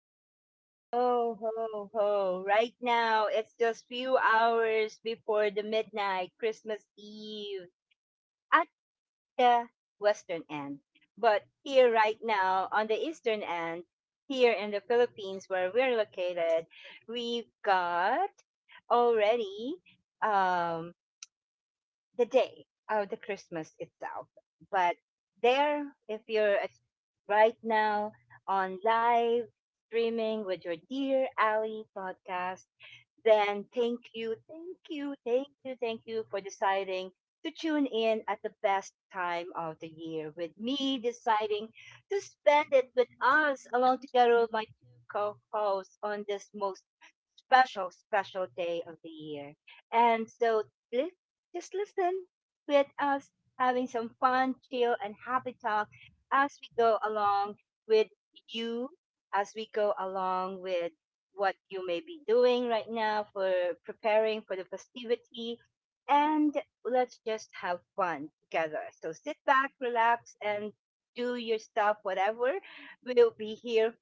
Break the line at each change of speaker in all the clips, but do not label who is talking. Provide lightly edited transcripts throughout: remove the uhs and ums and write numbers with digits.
ho, ho, ho, ho. Right now, it's just few hours before the midnight Christmas Eve at the western end. But here right now, on the eastern end, here in the Philippines where we're located, we've got already um the day of the Christmas itself. But there, if you're at- right now on live streaming with your dear Ally podcast, then thank you, thank you, thank you, thank you for deciding to tune in at the best time of the year with me deciding to spend it with us along together with my two co-hosts on this most special, special day of the year. And so li- just listen with us having some fun, chill, and happy talk as we go along with you, as we go along with what you may be doing right now for preparing for the festivity. And let's just have fun together. So sit back, relax, and do your stuff, whatever. We'll be here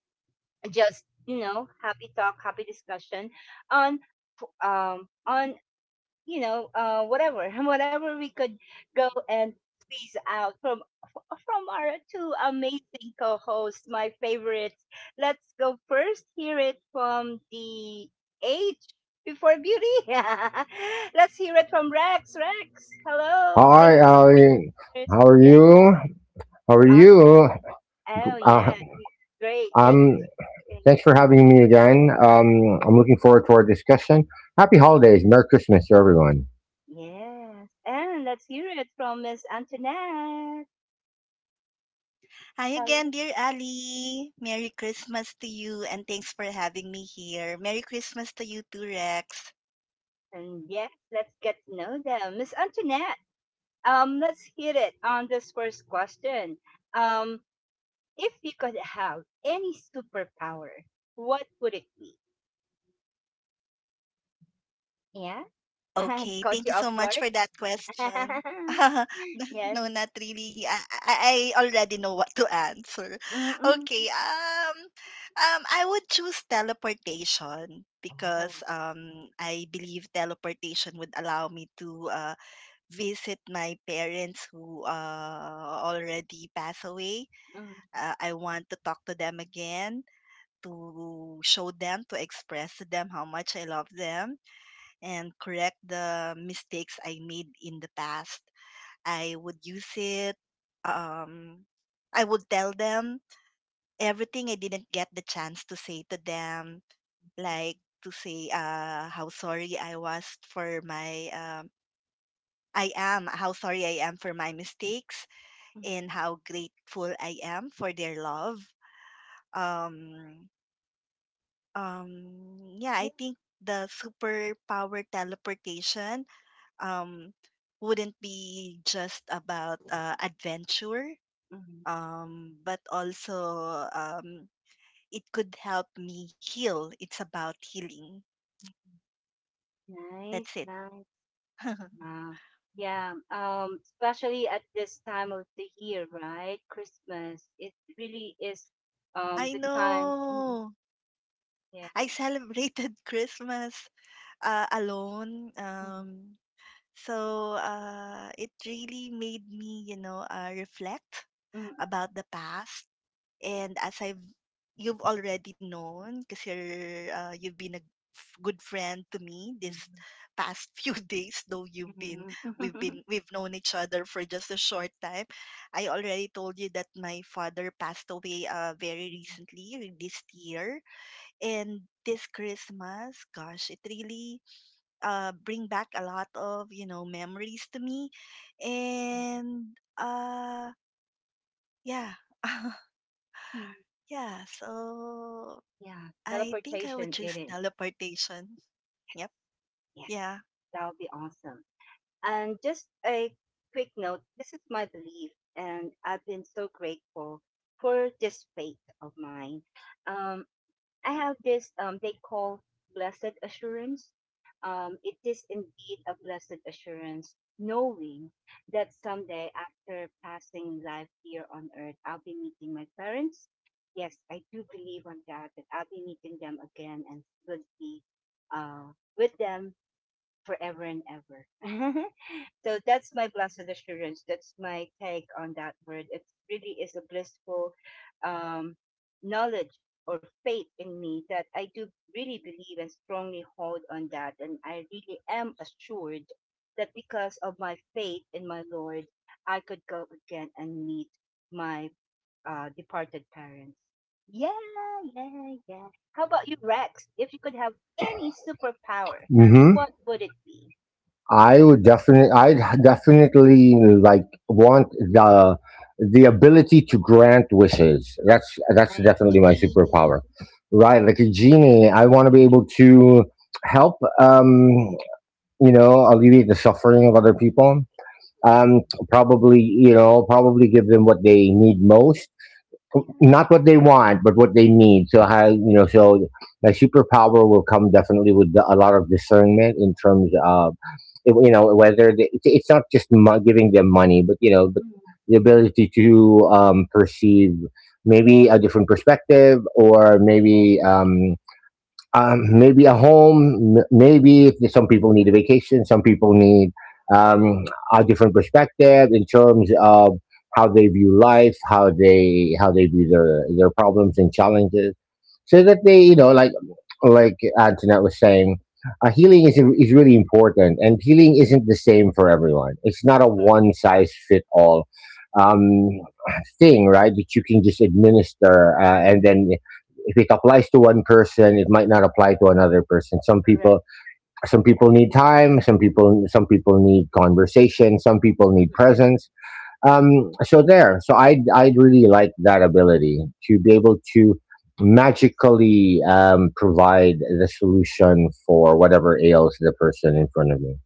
just, happy talk, happy discussion on on whatever, whatever we could go and squeeze out from from our two amazing co-hosts, my favorites. Let's go first. Hear it from the age before beauty. Let's hear it from Rex. Rex, hello. Say hello
Hi,
to our
Ali.
new listeners.
How are
Yeah,
you? How are you?
awesome. Oh yeah,
Uh,
great. Thanks
I'm.
for asking.
Thanks for
Mhm.
having me again. I'm looking forward to our discussion. Happy holidays. Merry Christmas to everyone.
Yes, and let's hear it from Miss Antoinette.
Hi again,
Hello.
dear Ali. Merry Christmas to you and thanks for having me here. Merry Christmas to you too, Rex.
And yes, let's get to know them. Miss Antoinette, let's hit it on this first question. Um, if you could have any superpower, what would it be? Yeah,
Okay,
caught
thank you
you
so
off
much
guard.
for that question.
Yes.
No, not really. I already know what to answer.
Mm-mm.
Okay, I would choose teleportation because
Oh.
I believe teleportation would allow me to visit my parents who already passed away.
Mm-mm.
I want to talk to them again, to show them, to express to them how much I love them, and correct the mistakes I made in the past. I would use it. Um, I would tell them everything I didn't get the chance to say to them, like to say how sorry I was for my. I am how sorry I am for my mistakes and how grateful I am for their love. Um, yeah, I
Yeah.
think the superpower teleportation um, wouldn't be just about adventure,
Mm.
but also it could help me heal. It's about healing.
Nice,
That's it.
nice. Wow. Yeah. Especially at this time of the year, right? Christmas. It really is the
I
time. Mm-mm.
know.
Yeah.
I celebrated Christmas alone.
Mm,
So it really made me, reflect
mm,
about the past. And as I've you've already known because you've been a good friend to me
mm,
this
mhm.
past few days, though you've
Mhm, mhm.
been we've known each other for just a short time. I already told you that my father passed away very recently this year. And this Christmas, gosh, it really bring back a lot of memories to me. And yeah.
Mm,
Yeah, so
yeah,
I think I would
teleportation
choose
it is.
teleportation. Yep.
Yes, yes,
Yeah.
that would be awesome. And just a quick note, this is my belief, and I've been so grateful for this faith of mine. Um, I have this they call blessed assurance. It is indeed a blessed assurance, knowing that someday after passing life here on earth, I'll be meeting my parents. Yes, I do believe on that that I'll be meeting them again and will be uh with them forever and ever. So that's my blessed assurance. That's my take on that word. It really is a blissful um, knowledge or faith in me that I do really believe and strongly hold on that. And I really am assured that because of my faith in my Lord, I could go again and meet my departed parents. Yeah, yeah, yeah. How about you, Rex? If you could have any superpower,
hmm
what would it be?
I would definitely want the ability to grant wishes. That's
I'm
definitely my
genie.
superpower. Right, like a genie. I want to be able to help. You know, alleviate the suffering of other people, um, probably, probably give them what they need most,
Yeah.
not what they want but what they need. So how you know so my superpower will come definitely with a lot of discernment in terms of, you know, whether it's not just giving them money, but you know, but
Yeah,
the ability to perceive maybe a different perspective, or maybe maybe a home. Maybe if some people need a vacation, some people need
oh,
um, a different perspective in terms of how they view life, how they view their problems and challenges, so that they, you know, like Antoinette was saying, healing is really important, and healing isn't the same for everyone. It's not a
cor-
one size fit all Um, thing, right, that you can just administer, and then if it applies to one person, it might not apply to another person.
correct.
Some people need time. Some people need conversation. Some people need presence. So there. So I really like that ability to be able to magically provide the solution for whatever ails the person in front of me.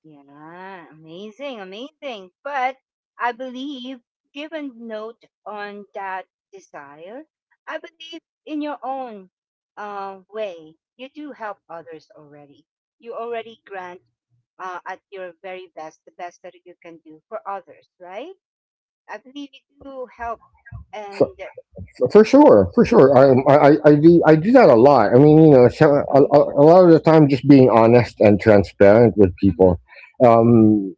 Yeah, amazing, amazing. But I believe, given note on that desire, I believe in your own way, you do help others already. You already grant at your very best, the best that you can do for others, right? I believe you do help and.
For, for sure, for sure. I do that a lot. I mean, you know, so
Mm,
a lot of the time, just being honest and transparent with
mm,
people. Um,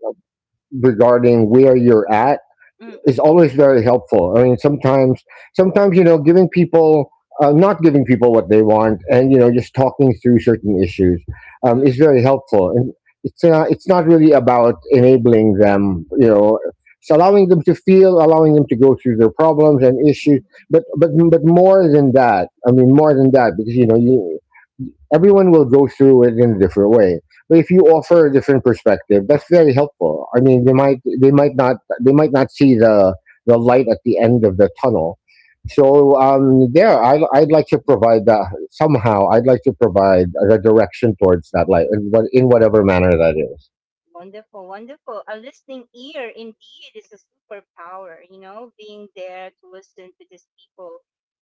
Regarding where you're at
mm,
is
mm,
always very helpful. I mean, sometimes, you know, giving people, not giving people what they want, and you know, just talking through certain issues is
mm,
very helpful. And it's not really about enabling them, you know. It's allowing them to feel, allowing them to go through their problems and issues.
mm.
But more than that, I mean, more than that, because you know, you everyone will go through it in a different way. But if you
Mm,
offer a different perspective, that's very helpful. I mean, they might not see the light at the end of the tunnel. So I'd like to provide that somehow. I'd like to provide the direction towards that light in, what, in whatever manner that is.
wonderful, wonderful. A listening ear indeed is a superpower, being there to listen to these people.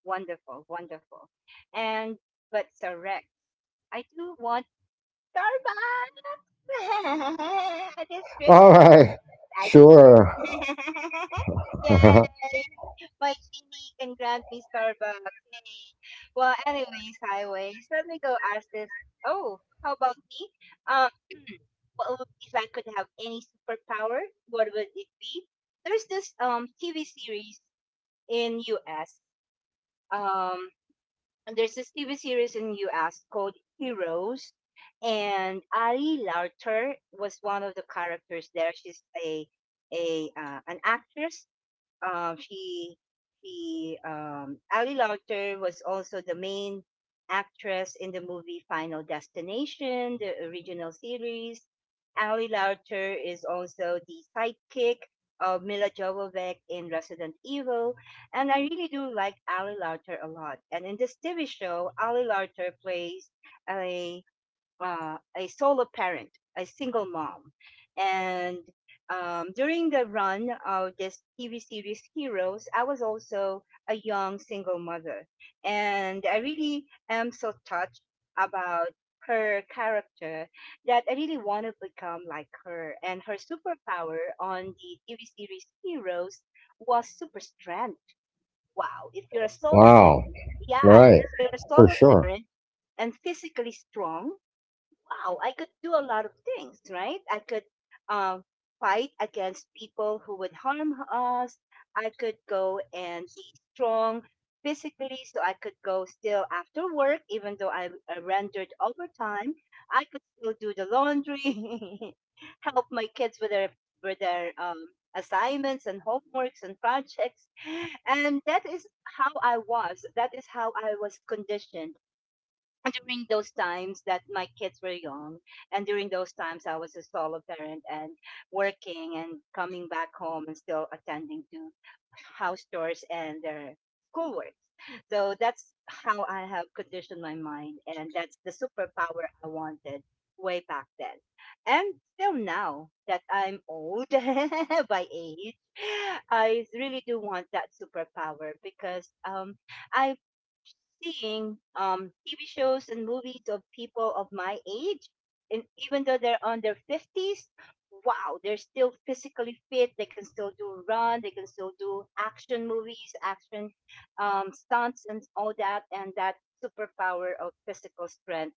Wonderful, wonderful. And but Sarek, I do want Starbucks. This
All
Christmas,
right,
I do one.
sure.
Yay! My genie can grant me Starbucks. Yay! Well, anyways, highways. Let me go ask this. Oh, how about me? Um, what would, if I could have any superpower, what would it be? There's this TV series in US. Um, and there's this TV series in US called Heroes, and Ali Larter was one of the characters there. She's a an actress um, she she Ali Lauter was also the main actress in the movie Final Destination, the original series. Ali Lauter is also the sidekick of Mila Jovovich in Resident Evil, and I really do like Ali Lauter a lot. And in this TV show, Ali Lauter plays a a solo parent, a single mom. And during the run of this TV series Heroes, I was also a young single mother. And I really am so touched about her character that I really want to become like her. And her superpower on the TV series Heroes was super strength. Wow, if you're a solo
Wow,
parent, yeah, and
right,
if you're a
for
solo
sure.
parent, and physically strong, wow, I could do a lot of things, right? I could um, fight against people who would harm us. I could go and be strong physically, so I could go still after work, even though I rendered overtime. I could still do the laundry, help my kids with their assignments and homeworks and projects, and that is how I was. That is how I was conditioned during those times that my kids were young, and during those times I was a solo parent, and working and coming back home and still attending to house chores and their schoolwork. So that's how I have conditioned my mind, and that's the superpower I wanted way back then. And still now that I'm old, by age, I really do want that superpower because I seeing TV shows and movies of people of my age, and even though they're on their 50s, wow, they're still physically fit. They can still do run, they can still do action movies, action stunts, and all that, and that superpower of physical strength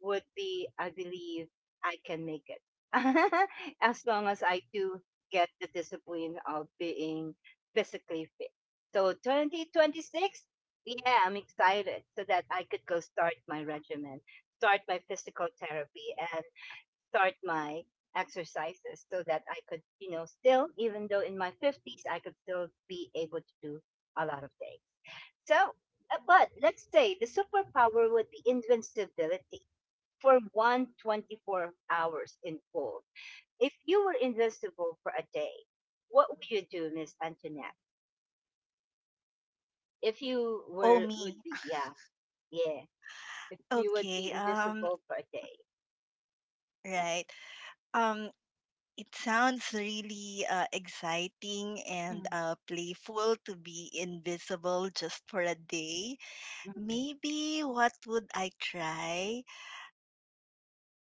would be, I believe, I can make it. As long as I do get the discipline of being physically fit. So 2026, yeah, I'm excited so that I could go start my regimen, start my physical therapy and start my exercises so that I could, still even though in my 50s I could still be able to do a lot of things. So, but let's say the superpower would be invincibility for one 24 hours in full. If you were invisible for a day, what would you do, Miss Antoinette? If you
Oh,
were
me.
would be Yeah, yeah, if you would
Okay.
be
Um
invisible for a day.
right. Um it sounds really exciting and
Mm,
playful to be invisible just for a day.
mm,
Maybe what would I try?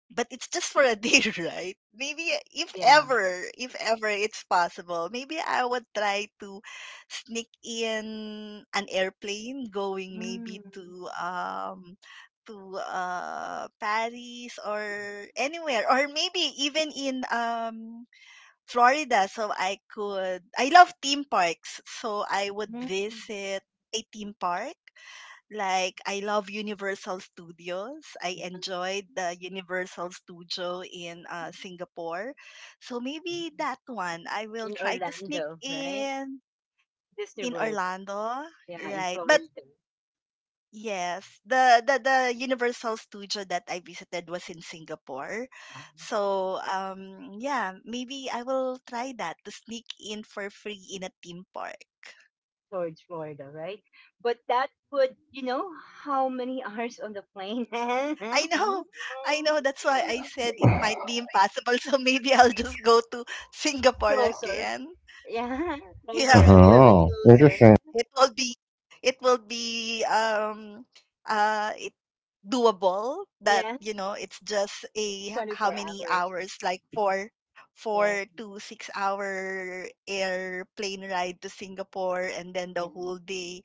But it's just for a day, right? Maybe if
yeah.
ever, if ever it's possible, maybe I would try to sneak in an airplane going maybe
Mm,
to Paris or anywhere, or maybe even in Florida, so I love theme parks, so I would
mm,
visit a theme park. Like, I love Universal Studios. I
yeah.
enjoyed the Universal Studio in Singapore. So maybe that one I will
In
try to sneak
Orlando, right?
in
Disney
in
World.
Orlando,
Yeah, in
right? But
Florida.
yes, the Universal Studio that I visited was in Singapore.
Ah.
So yeah, maybe I will try that to sneak in for free in a theme park.
Towards Florida, right? But that would, how many hours on the plane?
I know. I know. That's why I said it might be impossible. So maybe I'll just go to Singapore
Closer.
again.
Yeah, closer, a
Yeah.
little bit
Oh,
closer.
interesting.
It will be it will be it doable, that,
Yeah,
it's just a how
24
many
hours.
hours, like
Yeah,
4 to 6 hour airplane ride to Singapore, and then the
yeah,
whole day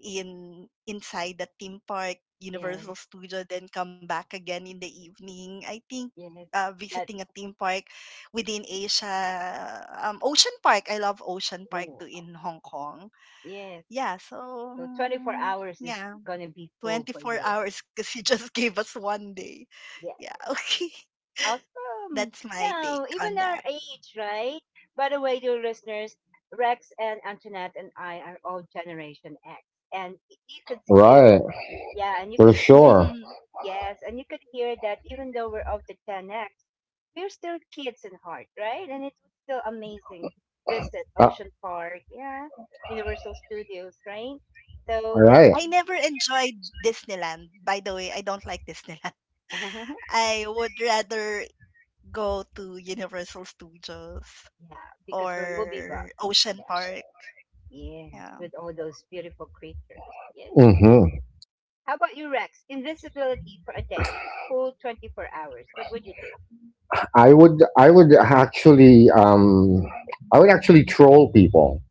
in inside the theme park,
yeah,
Universal Studio, then come back again in the evening. I think
yeah. That,
visiting a theme park within Asia, Ocean Park. I love Ocean Park
oh,
too in Hong Kong.
yeah.
Yeah, so
So 24 hours is
yeah,
gonna be full for
24
you.
hours because you just gave us one day.
Yeah.
Yeah, okay.
Awesome.
That's my take
Yeah,
on
even
that.
our age, right? By the way, dear listeners, Rex and Antoinette and I are all Generation X. And you could hear
Right,
that. Yeah, and you
for
could hear that.
sure.
Yes, and you could hear that even though we're of the Gen X, we're still kids in heart, right? And it was still amazing to visit
Uh,
Ocean Park, yeah, Universal Studios, right?
all
So that's
right.
I never
amazing.
enjoyed Disneyland. By the way, I don't like Disneyland. I would rather go to Universal Studios
Yeah, because we're movie buffs.
or Ocean
Yeah.
Park.
Yeah,
Yeah.
with all those beautiful creatures. Yeah.
Mm-hmm.
How about you, Rex? Invisibility for a day, full 24 hours. What would you do?
I would, I would actually, um, I would actually troll people.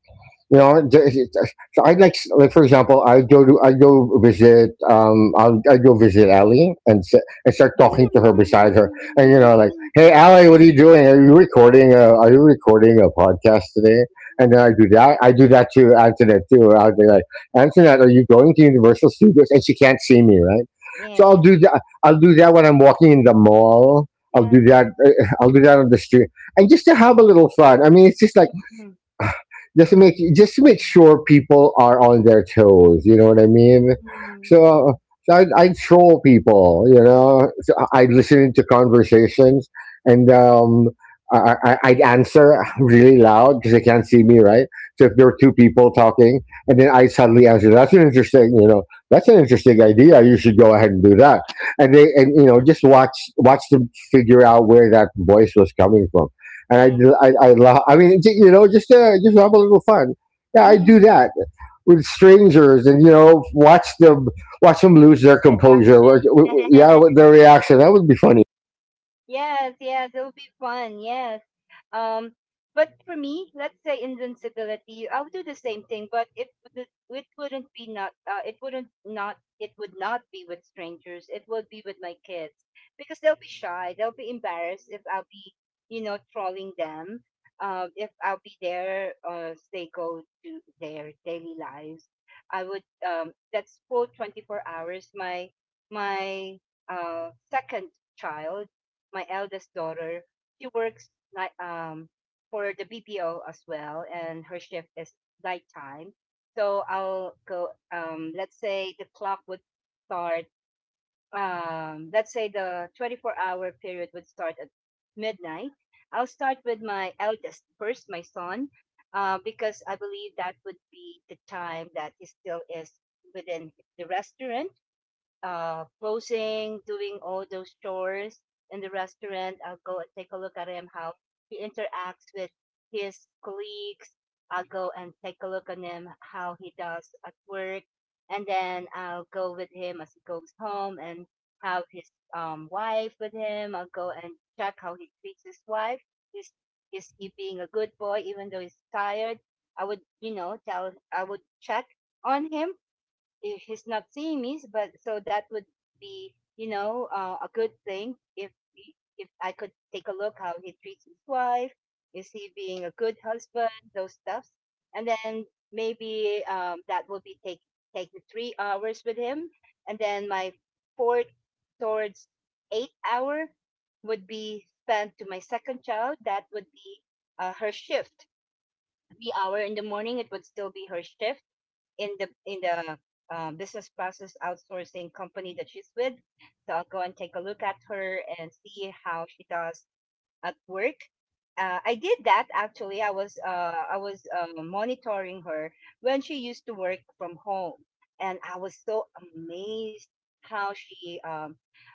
you know, th- it- so I'd like for example, I go visit, I go visit Ali and and start talking to her
Mm-hmm.
beside her, and you know, like, hey, Ali, what are you doing? Are you recording? Are you recording a podcast today? And then I do that. I do that to Antoinette too. I'll be like, Antoinette, are you going to Universal Studios? And she can't see me, right? So I'll
Yeah.
do that. I'll do that when I'm walking in the mall. I'll do
Yeah.
that. I'll do that on the street, and just to have a little fun. I mean, it's just like
Mm,
just to make sure people are on their toes. You know what I mean?
mm,
So, so I'd troll people. You know, so I'd listen into conversations and I'd answer really loud because they can't see me, right? So if there
mm,
were two people talking, and then I suddenly answer, "That's an interesting, you know, that's an interesting idea. You should go ahead and do that." And they and you know, just watch them figure out where that voice was coming from. And
yeah.
I laugh. I mean, you know, just have a little fun. Yeah, I do
Mm-mm.
that with strangers, and you know, watch them lose their
The
composure. Or,
action.
yeah, with their reaction that would be funny.
Yes, yes, it'll be fun. Yes. Um, but for me, let's say invincibility, I would do the same thing, but it wouldn't be not it wouldn't not it would not be with strangers. It would be with my kids because they'll be shy. They'll be embarrassed if I'll be trolling them. If I'll be there as they go to their daily lives, I would that's full 24 hours. My second child, my eldest daughter, she works like for the BPO as well, and her shift is nighttime. So I'll go. Let's say the clock would start. Let's say the 24-hour period would start at midnight. I'll start with my eldest first, my son, because I believe that would be the time that he still is within the restaurant closing, doing all those chores in the restaurant. I'll go and take a look at him, how he interacts with his colleagues. I'll go and take a look at him, how he does at work. And then I'll go with him as he goes home and have his wife with him. I'll go and check how he treats his wife. Is, is he being a good boy even though he's tired? I would, tell, I would check on him if he's not seeing me, but so that would be, a good thing if if I could take a look how he treats his wife, is he being a good husband, those stuffs, and then maybe that will be take the 3 hours with him, and then my fourth towards 8 hour would be spent to my second child. That would be her shift. 3 hour in the morning, it would still be her shift in the business process outsourcing company that she's with. So I'll go and take a look at her and see how she does at work. I did that actually. I was I was monitoring her when she used to work from home, and I was so amazed how she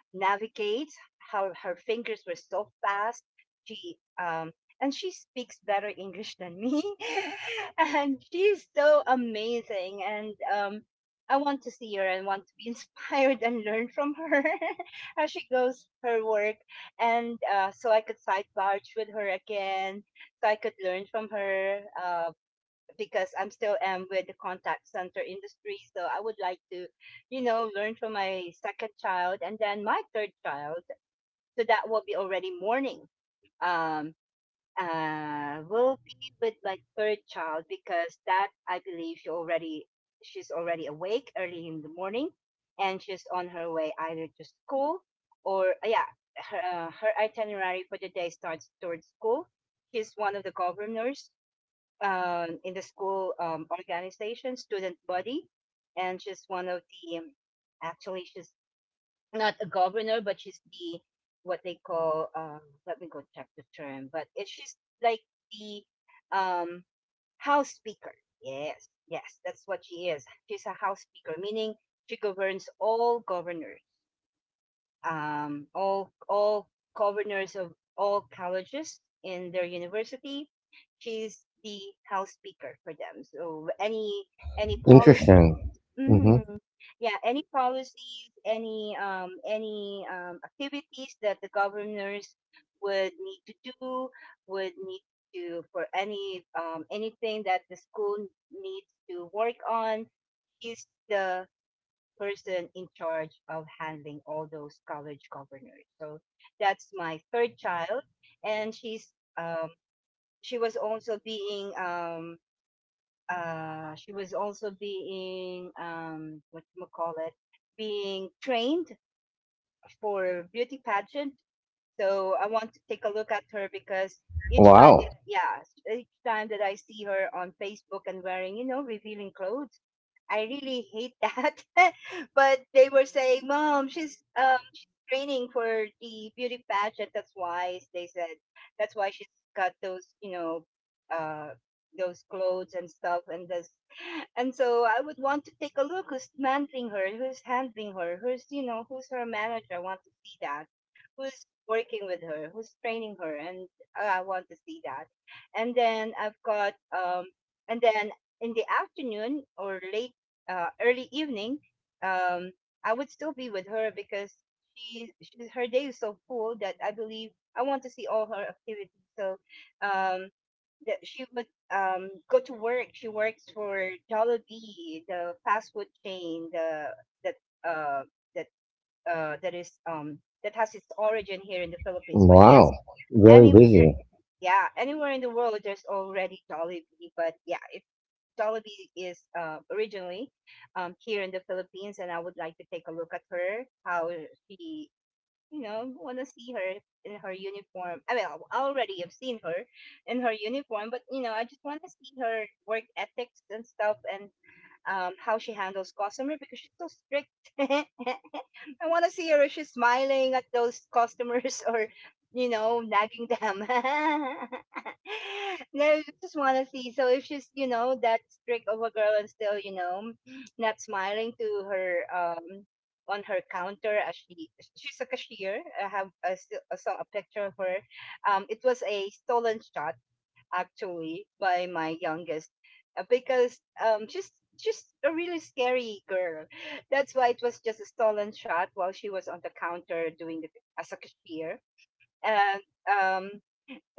navigates, how her fingers were so fast. She And she speaks better English than me, and she's so amazing. And I want to see her and want to be inspired and learn from her how she goes her work and so I could side barge with her again, so I could learn from her because I'm still am with the contact center industry. So I would like to, you know, learn from my second child and then my third child. So that will be already morning. Um, will be with my third child because that I believe she's already awake early in the morning, and she's on her way either to school or yeah, her itinerary for the day starts towards school. She's one of the governors in the school organization, student body, and she's one of the actually she's not a governor, but she's the what they call let me go check the term, but it, she's like the um house speaker. Yes, yes, that's what she is. She's a house speaker, meaning she governs all governors, all governors of all colleges in their university. She's the house speaker for them. So any policy.
Interesting. hmm
Mhm. Yeah, any policies, any activities that the governors would need to do, would need to for any anything that the school needs to work on, is the person in charge of handling all those college governors. So that's my third child, and she was also being um, she was also being what you might call it, being trained for beauty pageant. So I want to take a look at her because
Wow.
each time that I see her on Facebook and wearing, you know, revealing clothes, I really hate that. But they were saying, "Mom, she's training for the beauty pageant. That's why they said that's why she's got those, you know, uh those clothes and stuff and this," and so I would want to take a look who's mentoring her, who's handling her, who's, you know, who's her manager. I want to see that. Who's working with her, who's training her. And I want to see that. And then and then in the afternoon or late, early evening, um, I would still be with her because her day is so full that I believe I want to see all her activities. So, um, that she would go to work. She works for Jollibee, the fast food chain, the that uh, that that is that has its origin here in the Philippines. But
Wow.
yes,
Very
anywhere,
busy.
yeah, anywhere in the world, there's already Jollibee. But yeah, if Jollibee is originally here in the Philippines, and I would like to take a look at her, how she, you know, want to see her in her uniform. I mean, I already have seen her in her uniform, but you know, I just want to see her work ethics and stuff, and how she handles customer because she's so strict. I want to see her if she's smiling at those customers or, you know, nagging them. No, I just want to see. So if she's, you know, that strict of a girl and still, you know, not smiling to her, on her counter as she's a cashier. I have a, still a, so- a picture of her. It was a stolen shot actually by my youngest because just a really scary girl. That's why it was just a stolen shot while she was on the counter doing it as a cashier. And um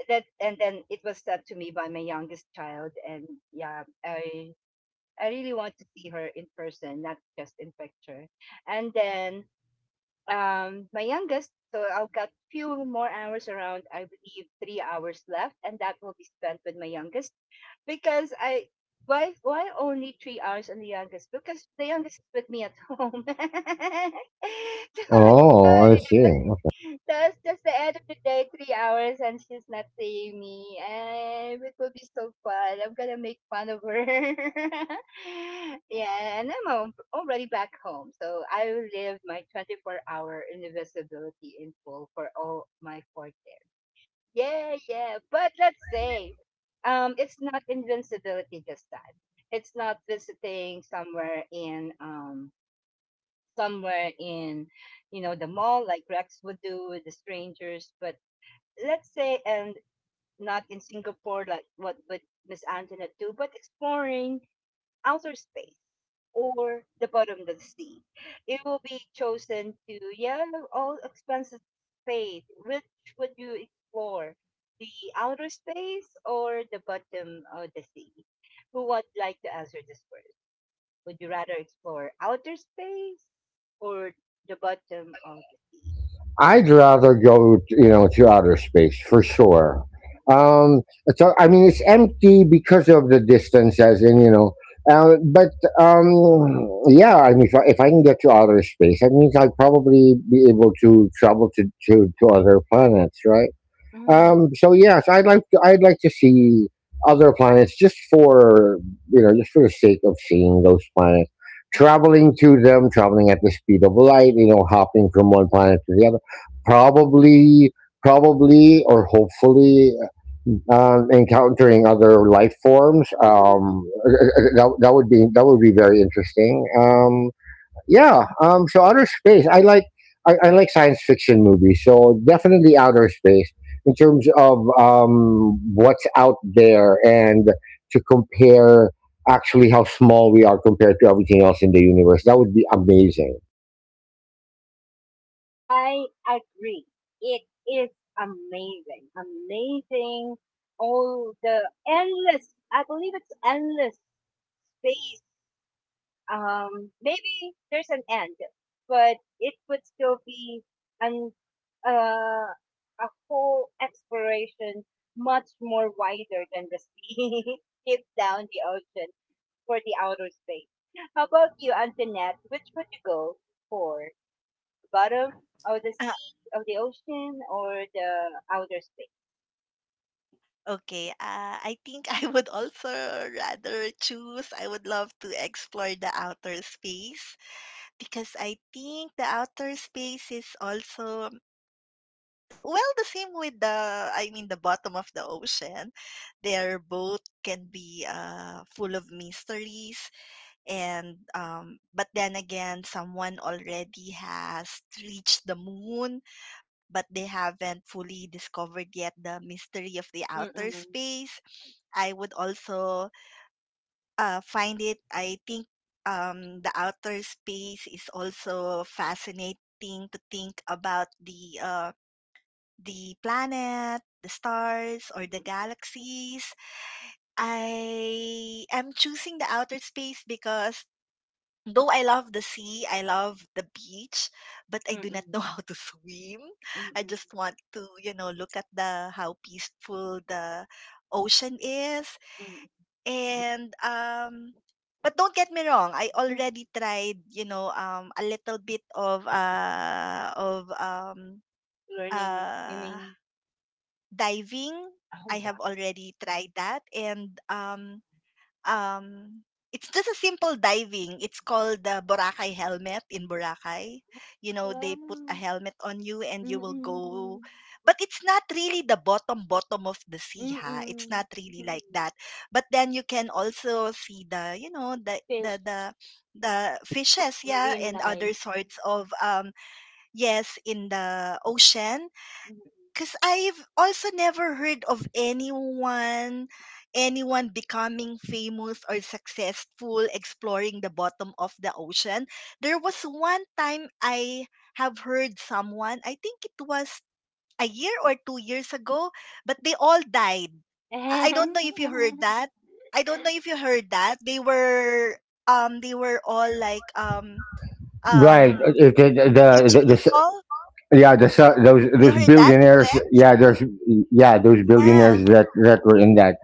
that, and then it was done to me by my youngest child. And yeah, I really want to see her in person, not just in picture. And then my youngest, so I've got few more hours around, I believe 3 hours left, and that will be spent with my youngest because I, why only 3 hours on the youngest? Because the youngest is with me at home. So, so
Oh, I
yeah.
see.
That's just the end of the day, 3 hours, and she's not seeing me. And it will be so fun. I'm gonna make fun of her. Yeah, and I'm al- already back home, so I will live my 24-hour invisibility in full for all my 40. Yeah, yeah. But let's say, it's not invincibility this time. It's not visiting somewhere in somewhere in, you know, the mall like Rex would do with the strangers. But let's say, and not in Singapore like what would Miss Antoinette do, but exploring outer space or the bottom of the sea. It will be chosen to, yeah, all expenses paid. Which would you explore? The outer space or the bottom of the sea? Who would like to answer this first? Would you rather explore outer space or the bottom of the sea?
I'd rather go, you know, to outer space for sure. Um, so I mean, it's empty because of the distance, as in, you know. But um, yeah, I mean, if I can get to outer space, that means I'd probably be able to travel to, to other planets, right?
Mm,
So yes, I'd like to see other planets just for you know just for the sake of seeing those planets,
yeah.
traveling to them, traveling at the speed of light, you know, hopping from one planet to the other. Probably, Probably, or hopefully, encountering other life forms. That would be very interesting. Yeah. So outer space. I like science fiction movies. So definitely outer space in terms of what's out there and to compare actually how small we are compared to everything else in the universe. That would be amazing.
I agree. It is amazing, amazing. All the endless, I believe it's endless space. Maybe there's an end, but it would still be an uh, a whole exploration much more wider than the sea, deep down the ocean for the outer space. How about you, Antoinette? Which would you go for? Bottom of the
Uh,
sea, of the ocean, or the outer space?
okay. I think I would also rather choose, I would love to explore the outer space, because I think the outer space is also, well, the same with the, I mean, the bottom of the ocean. They're both can be full of mysteries. And but then again, someone already has reached the moon, but they haven't fully discovered yet the mystery of the outer
Mm-mm,
space. I would also find it, I think. The outer space is also fascinating to think about, the planet, the stars, or the galaxies. I am choosing the outer space because though I love the sea, I love the beach, but I
mm-mm,
do not
mm-mm,
know how to swim. I
mm-mm,
just want to, look at the how peaceful the ocean is.
mm-mm,
And but don't get me wrong, I
mm-mm.
already tried, a little bit of
Learning
uh
swimming.
diving. I
Oh, wow.
have already tried that, and um, it's just a simple diving. It's called the Boracay helmet in Boracay. They put a
Wow.
helmet on you and you will go.
Mm-mm,
But it's not really the bottom bottom of the sea, ha. It's
mm-mm,
not really
mm-mm.
like that. But then you can also see the, you know,
Fish,
the fishes, yeah,
marine
and
life.
other sorts of yes in the ocean,
Mm-mm.
because I've also never heard of anyone becoming famous or successful exploring the bottom of the ocean. There was one time I have heard someone, I think it was a year or 2 years ago, but they all died. I don't know if you heard that. I don't know if you heard that. They were all like
Right.
um
It,
rich
the, s-
people.
Yeah. Those
You heard
those
that,
billionaires.
correct?
Yeah. There's Yeah, those
Yeah.
billionaires that that were in that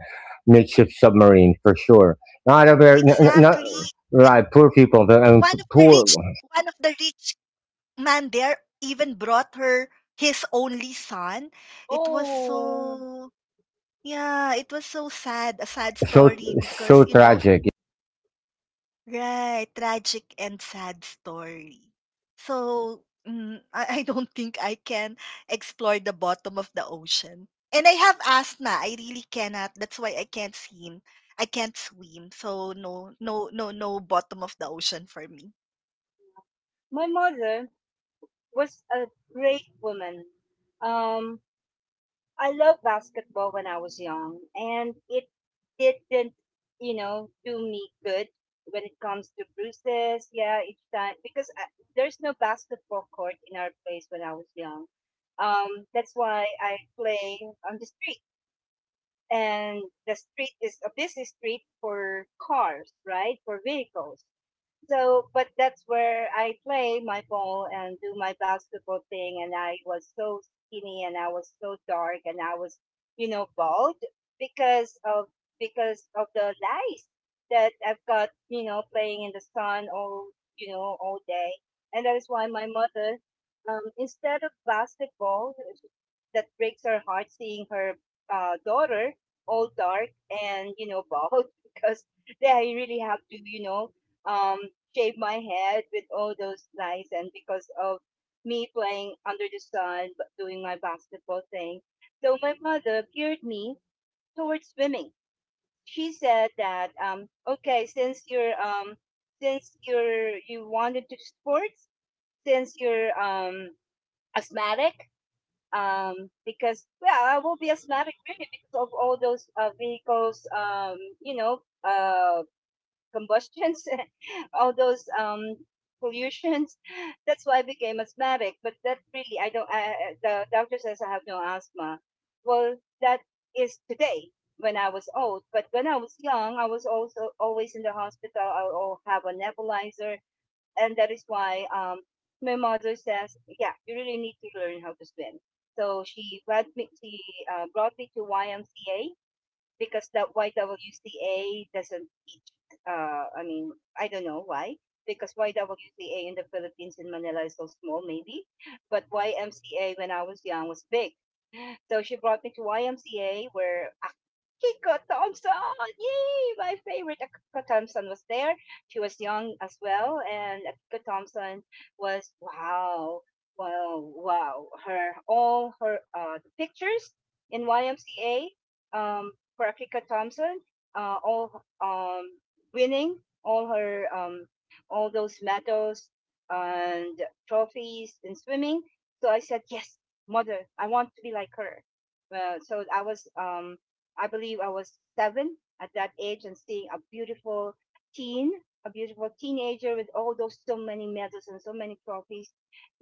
makeshift submarine for sure. Not a very not
Exactly. And
right. Poor people.
one of the rich
Poor.
one of the rich man there even brought her his only son. It was
Oh,
so, yeah, it was so sad, a sad
So
story
so
because,
tragic.
right, tragic and sad story. So I don't think I can explore the bottom of the ocean. And I have asthma. I really cannot. That's why I can't swim. I can't swim. So no, no, no, no bottom of the ocean for me.
my mother was a great woman. Um, I loved basketball when I was young, and it didn't, you know, do me good when it comes to bruises. Yeah, each time because I, there's no basketball court in our place when I was young. That's why I play on the street, and the street is a busy street for cars, right? For vehicles. So, but that's where I play my ball and do my basketball thing. And I was so skinny and I was so dark and I was, you know, bald because of because of the lice that I've got, you know, playing in the sun all, you know, all day. And that is why my mother, instead of basketball, that breaks her heart seeing her daughter all dark and, you know, bald because they really have to, you know, um, shave my head with all those lights and because of me playing under the sun, b- doing my basketball thing. So my mother geared me towards swimming. She said that, okay, since you wanted to do sports, since you're asthmatic, because, yeah, I will be asthmatic really because of all those, vehicles, you know, combustions, all those pollutions. That's why I became asthmatic. But that really, I don't. The doctor says I have no asthma. Well, that is today when I was old. But when I was young, I was also always in the hospital. I will have a nebulizer, and that is why my mother says, "Yeah, you really need to learn how to swim." So she brought me. She brought me to YMCA because the YWCA doesn't teach. I mean, I don't know why. Because YWCA in the Philippines in Manila is so small, maybe, but YMCA when I was young was big. So she brought me to YMCA where Akiko Thompson, yay, my favorite Akiko Thompson was there. She was young as well, and Akiko Thompson was wow, wow, wow. Her all her the pictures in YMCA um, for Akika Thompson, all winning all her all those medals and trophies in swimming. So I said, yes, mother, I want to be like her. So I was, I believe I was 7 at that age and seeing a beautiful teen, a beautiful teenager with all those so many medals and so many trophies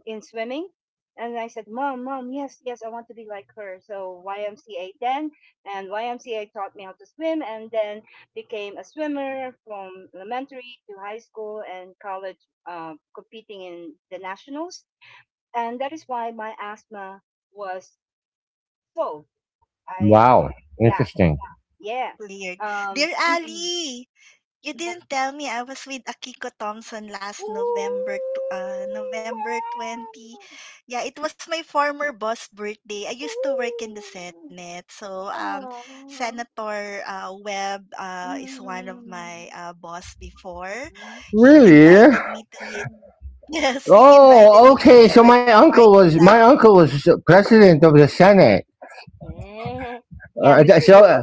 in swimming. And I said, Mom, Mom, yes, yes, I want to be like her. So YMCA then, and YMCA taught me how to swim, and then became a swimmer from elementary to high school and college, competing in the nationals. And that is why my asthma was solved. I,
Wow,
yeah,
interesting.
yeah.
Cleared. Dear
Mm-mm,
Ali, you
yeah.
didn't tell me I was with Akiko Thompson last
Ooh,
November, November 20.
wow.
Yeah, it was my former boss' birthday. I used to work in the
Ooh.
Senate. So,
Aw.
Senator Webb is one of
Mm,
my boss before.
mhm,
He
Really?
invited me to
mm, mm.
his, Yes, he
Oh,
invited me to
okay. So
his birthday party
my
last
uncle was president of the Senate.
Yeah. Yeah,
Uh, th-
Mr.
so uh,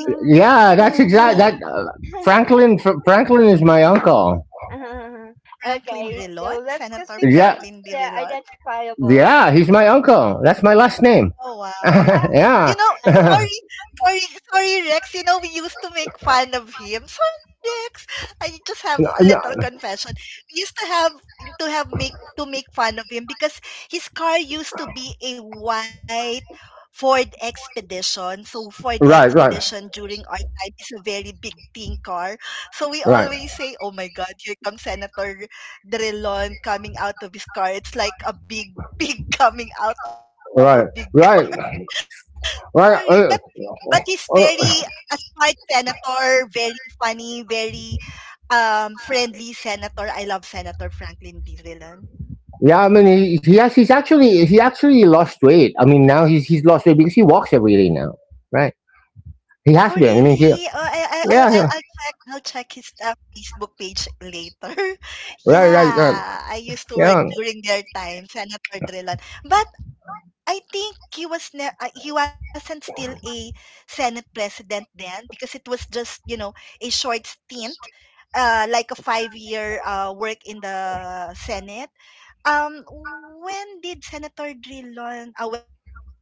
week.
yeah,
Oh,
that's
Who,
exact. That
who?
no.
Franklin Franklin is my
Mm.
uncle.
Uh,
Franklin
okay, so
Rilon?
let's just
Senator
be
Yeah,
careful
Franklin
with
D.
the
Rilon?
identifiable, okay?
yeah, he's my uncle. That's my last name.
Oh, wow. You
Yeah.
know,
All.
sorry, sorry, sorry, Rex. We used to make fun of him. Sorry, Rex. I just have
No,
a
no.
little confession. We used to have make to make fun of him because his car used to be a white Ford Expedition. So Ford
Right, right,
Expedition during our time is a very big thing car. So we
right,
always say, "Oh my God, here comes Senator Drilon coming out of his car. It's like a big pig coming out of a big
right,
car."
right,
Sorry, but
right.
he's very a smart senator, very funny, very friendly senator. I love Senator Franklin D. Rillan.
Yeah, I mean he actually he actually lost weight. I mean now he's lost weight because he walks every day now, right?
Oh,
He has been.
really? Oh, I'll
Yeah he-
check. I'll check his Facebook page later.
right, right, right,
Yeah, I used to work
yeah,
during their time, Senator Drilon. But I think he wasn't still a Senate president then because it was just a short stint, like a 5 year work in the Senate. Um, when did Senator Drilon? Ah, well, I'll check that later.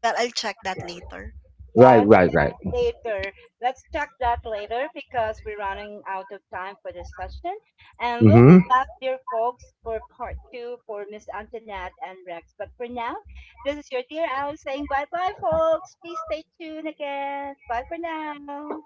right,
Yes,
right,
yes,
right.
later. Let's talk that later because we're running out of time for this session. And we'll
Mm-hmm.
be back, dear folks, for part two for Miss Antoinette and Rex. But for now, this is your dear Alice saying bye bye, folks. Please stay tuned again. Bye for now.